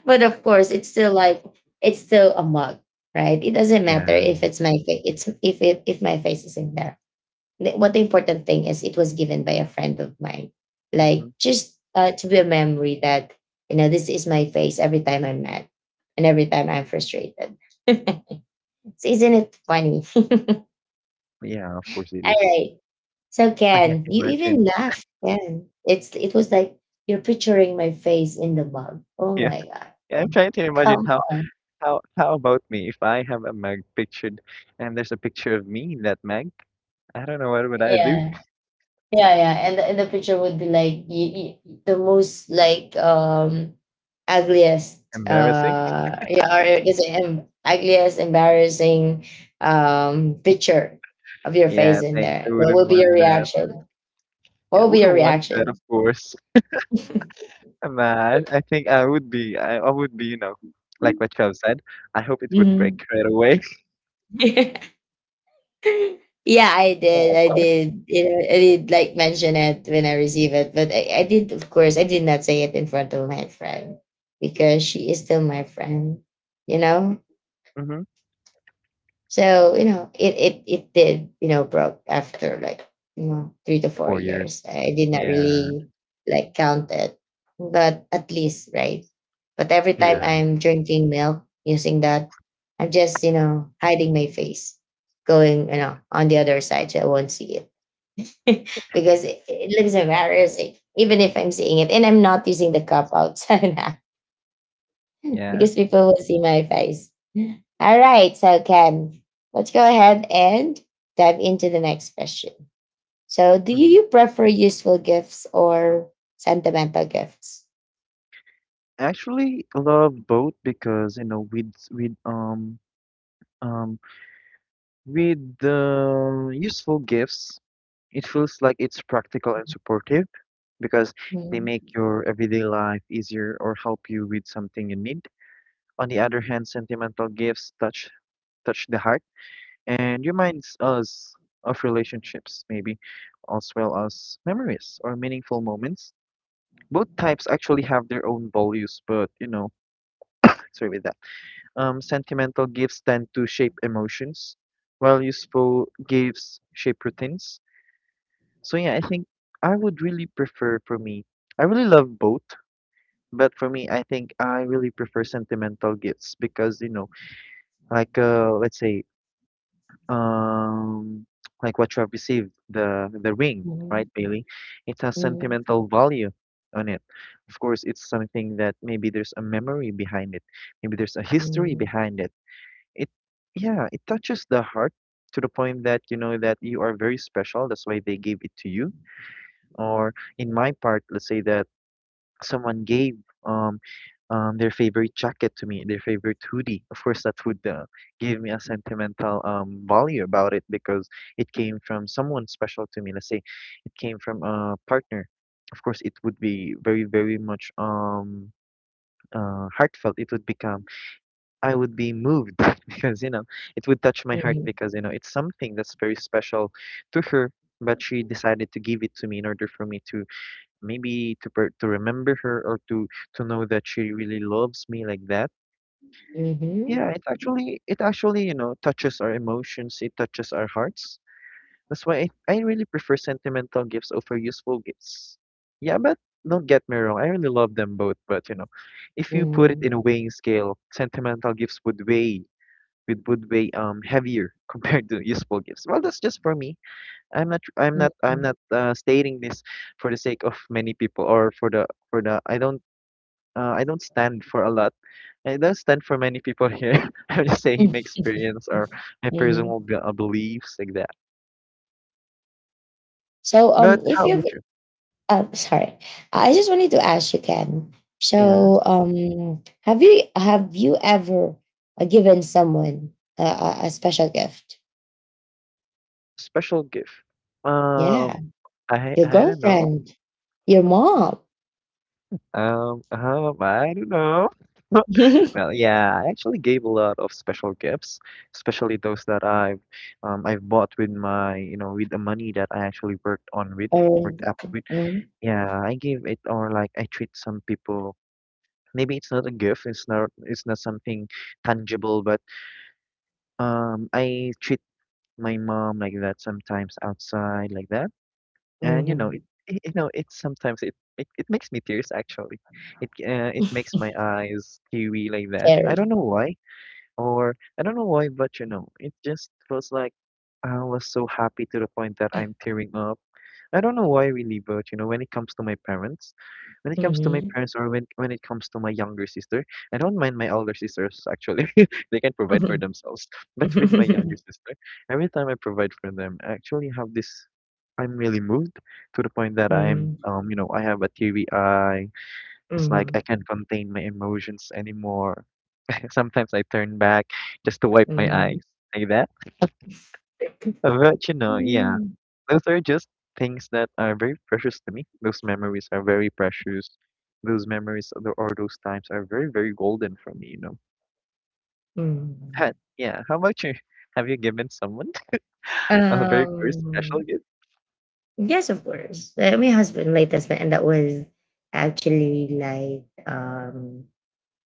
But of course, it's still like, it's still a mug, right? It doesn't matter
yeah.
if it's my face, it's if, it, if my face is in there, what the important thing is it was given by a friend of mine like
Mm-hmm.
just to be a memory that you know this is my face every time I'm mad and every time I'm frustrated, so isn't it funny?
Yeah, of course it
All
is.
right, so
I can't
Ken, you even
imagine.
laugh, Ken, it's it was like you're picturing my face in the mug, oh my god.
Yeah, I'm
Yeah.
trying to imagine
Come
how
on,
how about me if I have a mug pictured and there's a picture of me in that mug. I don't know what would I do.
yeah. Yeah, yeah, and and the picture would be like the most like ugliest
Embarrassing.
yeah, or I guess ugliest embarrassing picture of your face
Yeah,
in
thanks.
there.
I
What
wouldn't
will be your
want that.
reaction? What
Yeah, I
will be your
wouldn't want that, of
reaction?
course. Man, I think I would be. I would be. You know, like what you have said. I hope it would
Mhm.
break right away.
Yeah, I did. I
Yeah.
did. You know, I did like mention it when I received it, but I did. Of course, I did not say it in front of my friend because she is still my friend. You know,
Mm-hmm.
so you know, it did you know broke after like you know three to four
Four
years.
years.
I did not
Yeah.
really like count it, but at least right. But every time
Yeah.
I'm drinking milk using that, I'm just you know hiding my face, going you know on the other side so I won't see it because it looks embarrassing even if I'm seeing it and I'm not using the cup outside.
Yeah.
Because people will see my face. All right, so Ken, let's go ahead and dive into the next question. So, do
Hmm.
you prefer useful gifts or sentimental gifts?
Actually, love both because with um with the useful gifts, it feels like it's practical and supportive because they make
Mhm,
your everyday life easier or help you with something you need. On the other hand, sentimental gifts touch the heart and reminds us of relationships, maybe, as well as memories or meaningful moments. Both types actually have their own values, but sorry with that. Sentimental gifts tend to shape emotions, while useful gifts shape routines. So yeah, I think I would really prefer for me. I really love both, but for me, I think I really prefer sentimental gifts because let's say um, like what you have received, the ring, right,
mhm,
Bailey? It has
mhm,
sentimental value on it. Of course, it's something that maybe there's a memory behind it, maybe there's a history behind it. It, yeah, it touches the heart to the point that you know that you are very special. That's why they gave it to you, or in my part let's say that someone gave um, their favorite jacket to me, their favorite hoodie. Of course, that would give me a sentimental value about it because it came from someone special to me. Let's say it came from a partner. Of course it would be very much heartfelt it would become. I would be moved, because you know it would touch my heart
mhm,
because you know it's something that's very special to her, but she decided to give it to me in order for me to maybe to remember her or to know that she really loves me like that.
mhm, mhm,
Yeah, it actually, you know, touches our emotions, it touches our hearts. That's why I really prefer sentimental gifts over useful gifts. Yeah, but don't get me wrong, I really love them both, but you know, if you put it in a weighing scale, sentimental gifts would weigh, would weigh heavier compared to useful gifts. Well, that's just for me. I'm not I'm
mhm,
not I'm
mhm,
not uh, stating this for the sake of many people or for the I don't, I don't stand for a lot. I don't stand for many people here. I'm just saying my
mhm.
experience or my personal
Mhm.
beliefs like that.
So,
But
if
how
you've
about you?
oh, sorry. I just wanted to ask you, Ken.
Yeah,
So, have you ever given someone a special gift?
special gift.
Yeah,
Um, I
your
I don't know.
girlfriend, your mom,
I don't know. Well, yeah, I actually gave a lot of special gifts, especially those that I've bought with my, you know, with the money that I actually
or
worked up with.
mm,
Yeah, I give it, or like I treat some people. Maybe it's not a gift, it's not something tangible, but I treat my mom like that sometimes outside like that, and you know
mhm,
you know it sometimes it makes me tears actually. It it makes my eyes teary like that. I don't
Carrie.
know why, or I don't know why, but you know it just feels like I was so happy to the point that I'm tearing up. I don't know why we leave out, you know, when it comes to my parents. When it comes to my
Mhm.
parents or when it comes to my younger sister, I don't mind my older sisters actually. They can provide for
Mhm,
themselves. But with my younger sister, every time I provide for them, I actually have this. I'm really moved to the point that I'm,
mhm,
you know, I have a teary eye. It's like I
mhm,
can't contain my emotions anymore. Sometimes I turn back just to wipe my
mhm,
eyes like that. But you know, yeah,
mhm.
those are just things that are very precious to me. Those memories are very precious. Those memories or those times are very golden for me, you know. But yeah, how about you? Have you given someone a very special
Um,
gift?
yes, of course. My husband, late husband, and that was actually like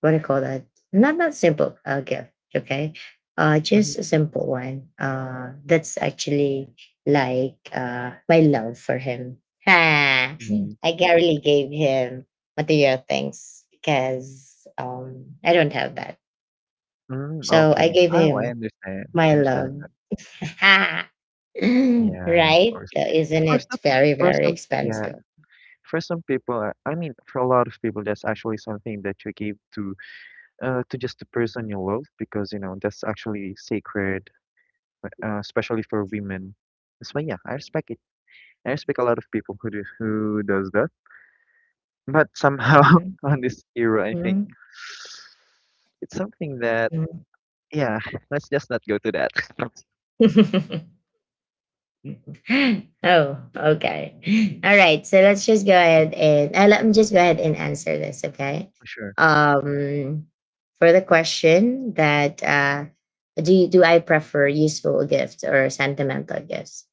what do you call that? Not not simple gift, okay?
Hmm.
Just a simple one. That's actually like my love for him. Ha!
Yeah.
I barely gave him material things because I don't have that.
Mm,
So I
okay.
gave
Oh, I
him
understand. I
my
understand
love.
that.
Ha!
Yeah, of
Right?
course.
Isn't
For
it
some,
very,
for
very
some, yeah,
expensive?
for some people, I mean, for a lot of people, that's actually something that you give to, to just the person you love because you know that's actually sacred, especially for women. That's why, yeah, I respect it. I respect a lot of people who do, who does that. But somehow on this era, I think
Mhm,
it's something that
mhm.
yeah, let's just not go to that.
Oh, okay. All right. So let's just go ahead and let me just go ahead and answer this, okay?
For sure.
Um, for the question that do you, do I prefer useful gifts or sentimental gifts?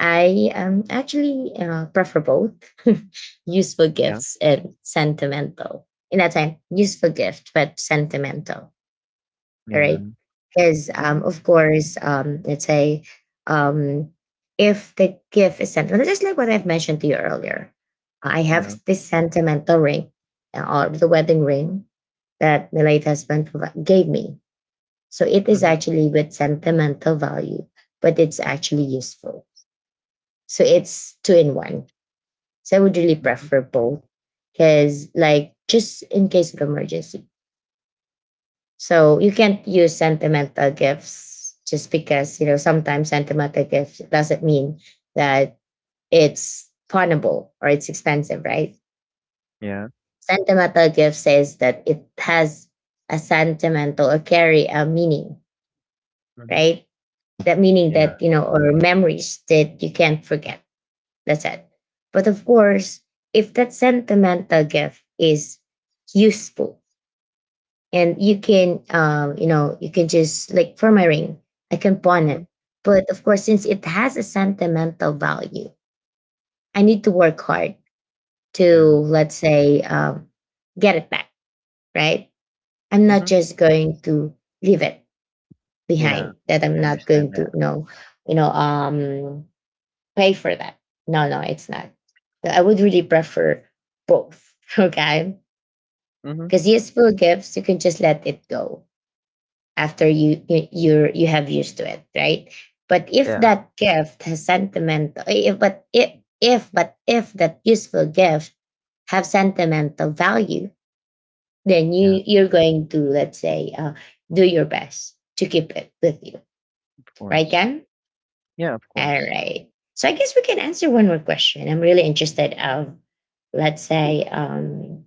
I actually prefer both useful
Yeah.
gifts and sentimental. In that time, useful gift but sentimental. All right,
Yeah.
because
Mm-hmm.
of course let's say um if the gift is sentimental just like what I've mentioned to you earlier, I have
Yeah.
this sentimental ring, or the wedding ring that my late husband gave me, so it is
Mm-hmm.
actually with sentimental value but it's actually useful, so it's two in one, so I would really
Mm-hmm.
prefer both because like just in case of emergency. So you can't use sentimental gifts just because, you know, sometimes sentimental gifts doesn't mean that it's pawnable or it's expensive, right?
Yeah.
Sentimental gift says that it has a sentimental or carry a meaning,
Mm-hmm.
right? That meaning
Yeah.
that, you know, or memories that you can't forget. That's it. But of course, if that sentimental gift is useful and you can you can just like for my ring I can pawn
Mm-hmm.
it. But of course, since it has a sentimental value, I need to work hard to,
Yeah.
let's say, get it back, right? I'm not
Mm-hmm.
just going to leave it
Yeah.
behind, that I'm
I
not
understand
going to,
that.
no, you know um pay for that. No, no, it's not. So I would really prefer both okay,
Mm-hmm.
because useful gifts you can just let it go after you have used to it, right? But if
Yeah.
that gift has sentimental, if that useful gift have sentimental value, then
Yeah.
you're going to, let's say, do your best to keep it with you,
Of
right,
course.
Ken?
Yeah. Of
All
course.
right. So I guess we can answer one more question. I'm really interested of, let's say,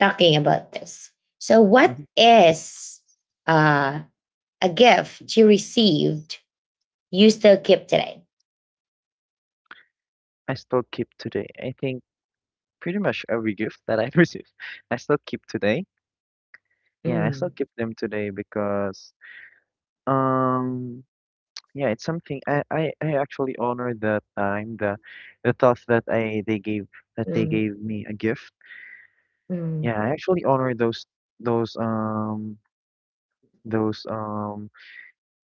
talking about this. So what
Mm-hmm.
is uh, a gift you received you still keep today.
I still keep today. I think pretty much every gift that I receive, I still keep today. Yeah, I still
Mm,
keep them today because um yeah, it's something I actually honor that time, the thoughts that I they gave that they
mm,
gave me a gift.
mm,
Yeah, I actually honor those those um those,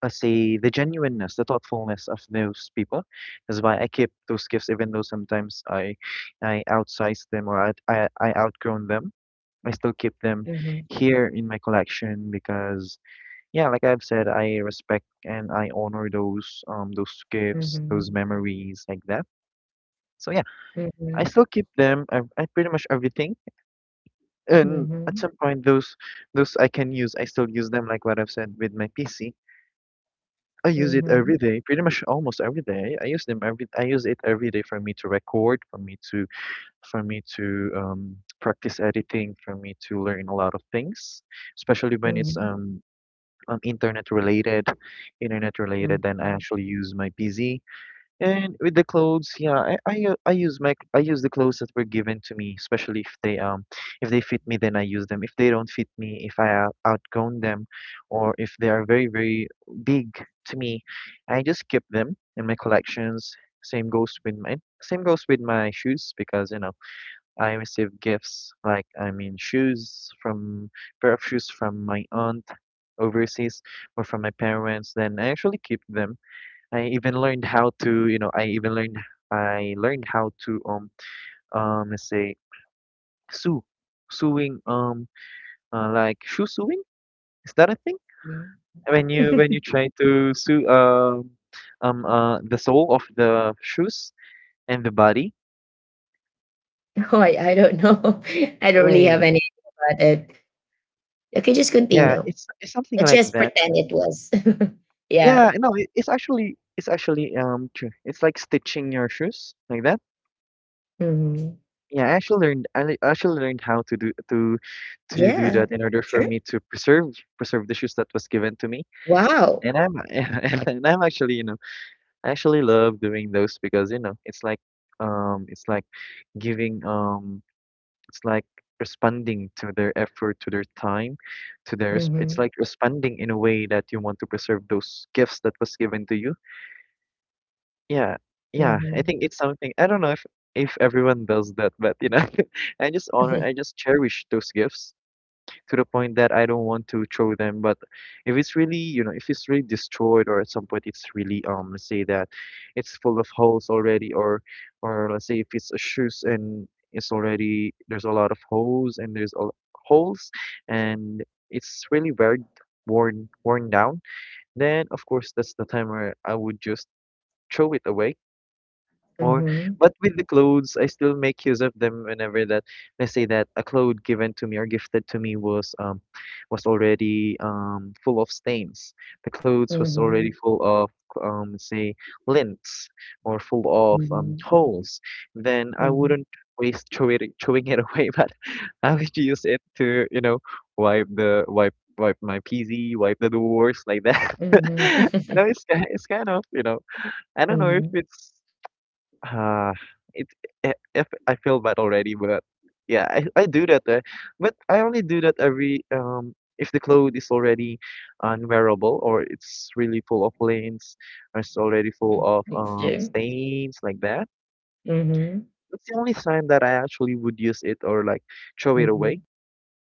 let's say, the genuineness, the thoughtfulness of those people. That's why I keep those gifts even though sometimes I outsize them or I outgrown them. I still keep them
mhm,
here in my collection because yeah, like I've said, I respect and I honor those, those gifts, those
mhm,
memories like that. So yeah, I
mhm,
still keep them. I pretty much everything, and at
mhm,
some point those I can use. I still use them like what I've said with my PC. I use it
mhm,
every day, pretty much almost every day. I use them every. I use it every day for me to record, for me to, practice editing, for me to learn a lot of things, especially when it's
mhm,
um um, internet related, internet related, then I
mhm,
actually use my PC. And with the clothes, yeah, I use my I use the clothes that were given to me, especially if they, if they fit me, then I use them. If they don't fit me, if I outgrown them, or if they are very big to me, I just keep them in my collections. Same goes with my, same goes with my shoes because you know I receive gifts like, I mean shoes from, pair of shoes from my aunt overseas or from my parents, then I actually keep them. I even learned how to, you know, I learned how to, let's say, sew, sewing, like shoe sewing. Is that a thing?
yeah.
When you try to sew, the sole of the shoes and the body.
Oh, I don't know. I don't really have
Wait,
any idea about it. Okay, just
yeah,
continue.
it's something
Let's
like
just
that.
pretend it was. Yeah.
Yeah, no, it's actually true. It's like stitching your shoes like that.
Mhm.
Yeah, I actually learned how to do
Yeah.
that in order for
Sure.
me to preserve the shoes that was given to me.
Wow.
And I'm and I'm actually, I actually love doing those because, you know, it's like giving um it's like responding to their effort, to their time, it's
Mm-hmm.
like responding in a way that you want to preserve those gifts that was given to you. Yeah, yeah. I
Mm-hmm.
think it's something, I don't know if everyone does that, but you know, I just
Mm-hmm.
I just cherish those gifts to the point that I don't want to throw them. But if it's really, you know, if it's really destroyed, or at some point it's really, let's say that it's full of holes already, or let's say if it's a shoes and it's already there's a lot of holes and there's a holes and it's really very worn down, then of course that's the time where I would just throw it away or, but with the clothes, I still make use of them whenever that, let's say that a cloth given to me or gifted to me was already full of stains. The clothes was already
Mm-hmm.
full of say lint or full of
Mm-hmm.
holes. Then I
Mm-hmm.
wouldn't throwing it away, but I would use it to wipe the wipe my PC, wipe the doors like that. I
Mm-hmm.
know it's kind of, I don't know if it's uh, it I if I feel bad already, but yeah, I do that, eh. But I only do that every if the clothes is already unwearable, or it's really full of lines, or it's already full of
It's
stains like that.
hmm.
That's the only time that I actually would use it or like throw it
Hmm.
away.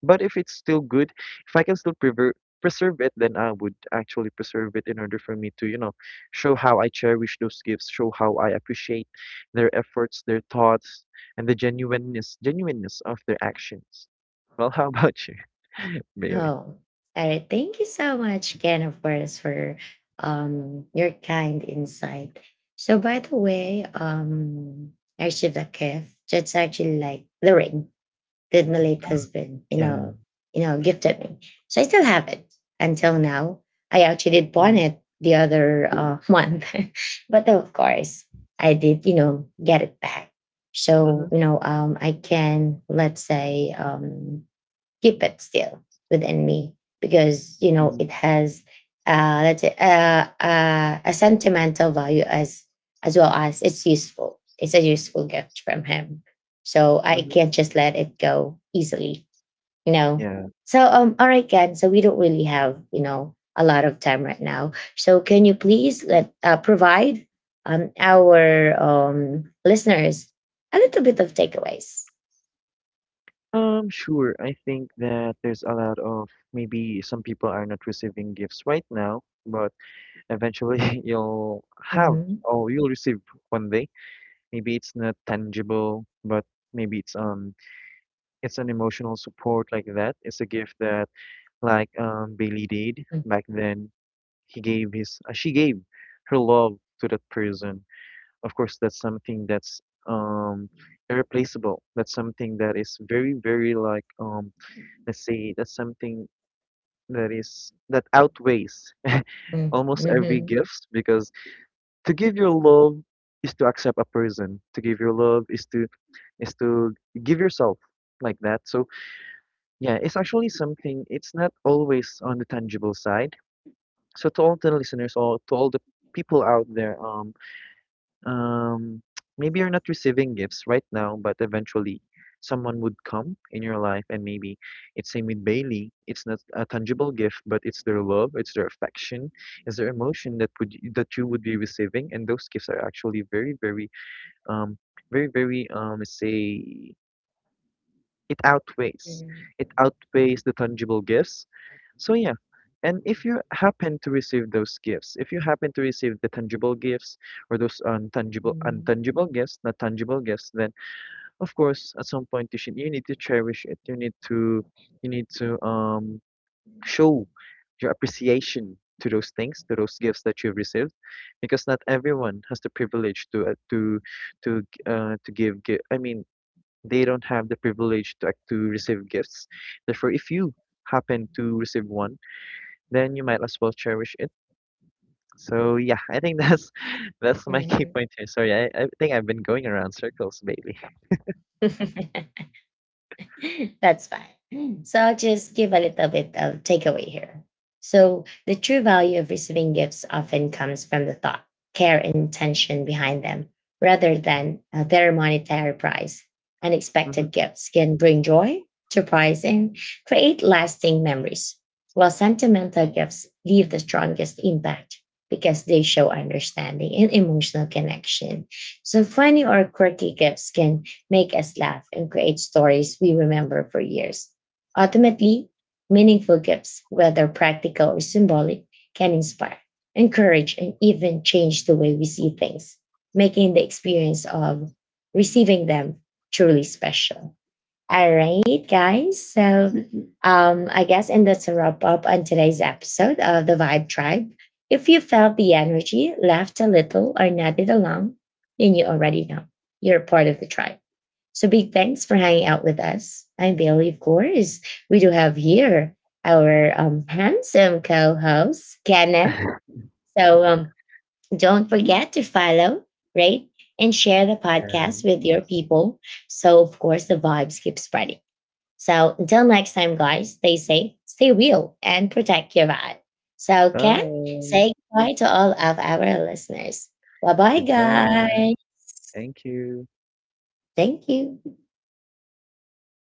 But if it's still good, if I can still prever preserve it, then I would actually preserve it in order for me to, you know, show how I cherish those gifts, show how I appreciate their efforts, their thoughts, and the genuineness of their actions. Well, how about you, Bailey?
Oh, all right. Thank you so much, Ken, of course, for your kind insight. So, by the way, I received a gift. That's actually like the ring that my late husband,
Yeah.
gifted me. So I still have it until now. I actually did pawn
Mm-hmm.
it the other month, but of course, I did, you know, get it back. So,
Mm-hmm.
you know, I can, let's say, keep it still within me, because you know
Mm-hmm.
it has, let's say, a sentimental value as well as it's useful. It's a useful gift from him, so I
Mm-hmm.
can't just let it go easily. You know.
Yeah.
So all right, Ken. So we don't really have, you know, a lot of time right now. So can you please let provide our listeners a little bit of takeaways.
Sure. I think that there's a lot of maybe some people are not receiving gifts right now, but eventually, you'll have
Mm-hmm.
or you'll receive one day. Maybe it's not tangible, but maybe it's an emotional support like that. It's a gift that like Bailey did back then. He gave his she gave her love to that person. Of course, that's something that's um irreplaceable. That's something that is very very like let's say that's something that is that outweighs almost every
Mm-hmm.
gift, because to give your love is to accept a person, to give your love is to is to give yourself like that. So yeah, it's actually something, it's not always on the tangible side. So to all the listeners, or to all the people out there, um maybe you're not receiving gifts right now, but eventually someone would come in your life, and maybe it's same with Bailey, it's not a tangible gift, but it's their love, it's their affection, it's their emotion that would that you would be receiving. And those gifts are actually very very um, very, very, say, it outweighs.
Mm-hmm.
It outweighs the tangible gifts. So yeah, and if you happen to receive those gifts, if you happen to receive the tangible gifts or those
Mhm.
untangible gifts, not tangible gifts, then of course at some point you need to cherish it. You need to show your appreciation to those things, to those gifts that you've received, because not everyone has the privilege to to to give. I mean, they don't have the privilege to to receive gifts. Therefore, if you happen to receive one, then you might as well cherish it. So yeah, I think that's that's my key
Mhm.
point here. Sorry, I think I've been going around circles, Bailey.
That's fine. So I'll just give a little bit of takeaway here. So the true value of receiving gifts often comes from the thought, care, and intention behind them, rather than their monetary price. Unexpected
Hmm.
gifts can bring joy, surprise, and create lasting memories, while sentimental gifts leave the strongest impact because they show understanding and emotional connection. So funny or quirky gifts can make us laugh, and create stories we remember for years. Ultimately, meaningful gifts, whether practical or symbolic, can inspire, encourage, and even change the way we see things, making the experience of receiving them truly special. All right, guys. So, I guess, and that's a wrap up on today's episode of the Vibe Tribe. If you felt the energy, laughed a little, or nodded along, then you already know you're part of the tribe. So big thanks for hanging out with us. I'm Bailey, of course. We do have here our handsome co-host, Kenneth. So don't forget to follow, rate, and share the podcast
And
with your people. So, of course, the vibes keep spreading. So until next time, guys, stay safe, stay real, and protect your vibe. So, Ken,
bye.
say goodbye to all of our listeners. Bye-bye,
Goodbye.
guys.
Thank you.
Thank you.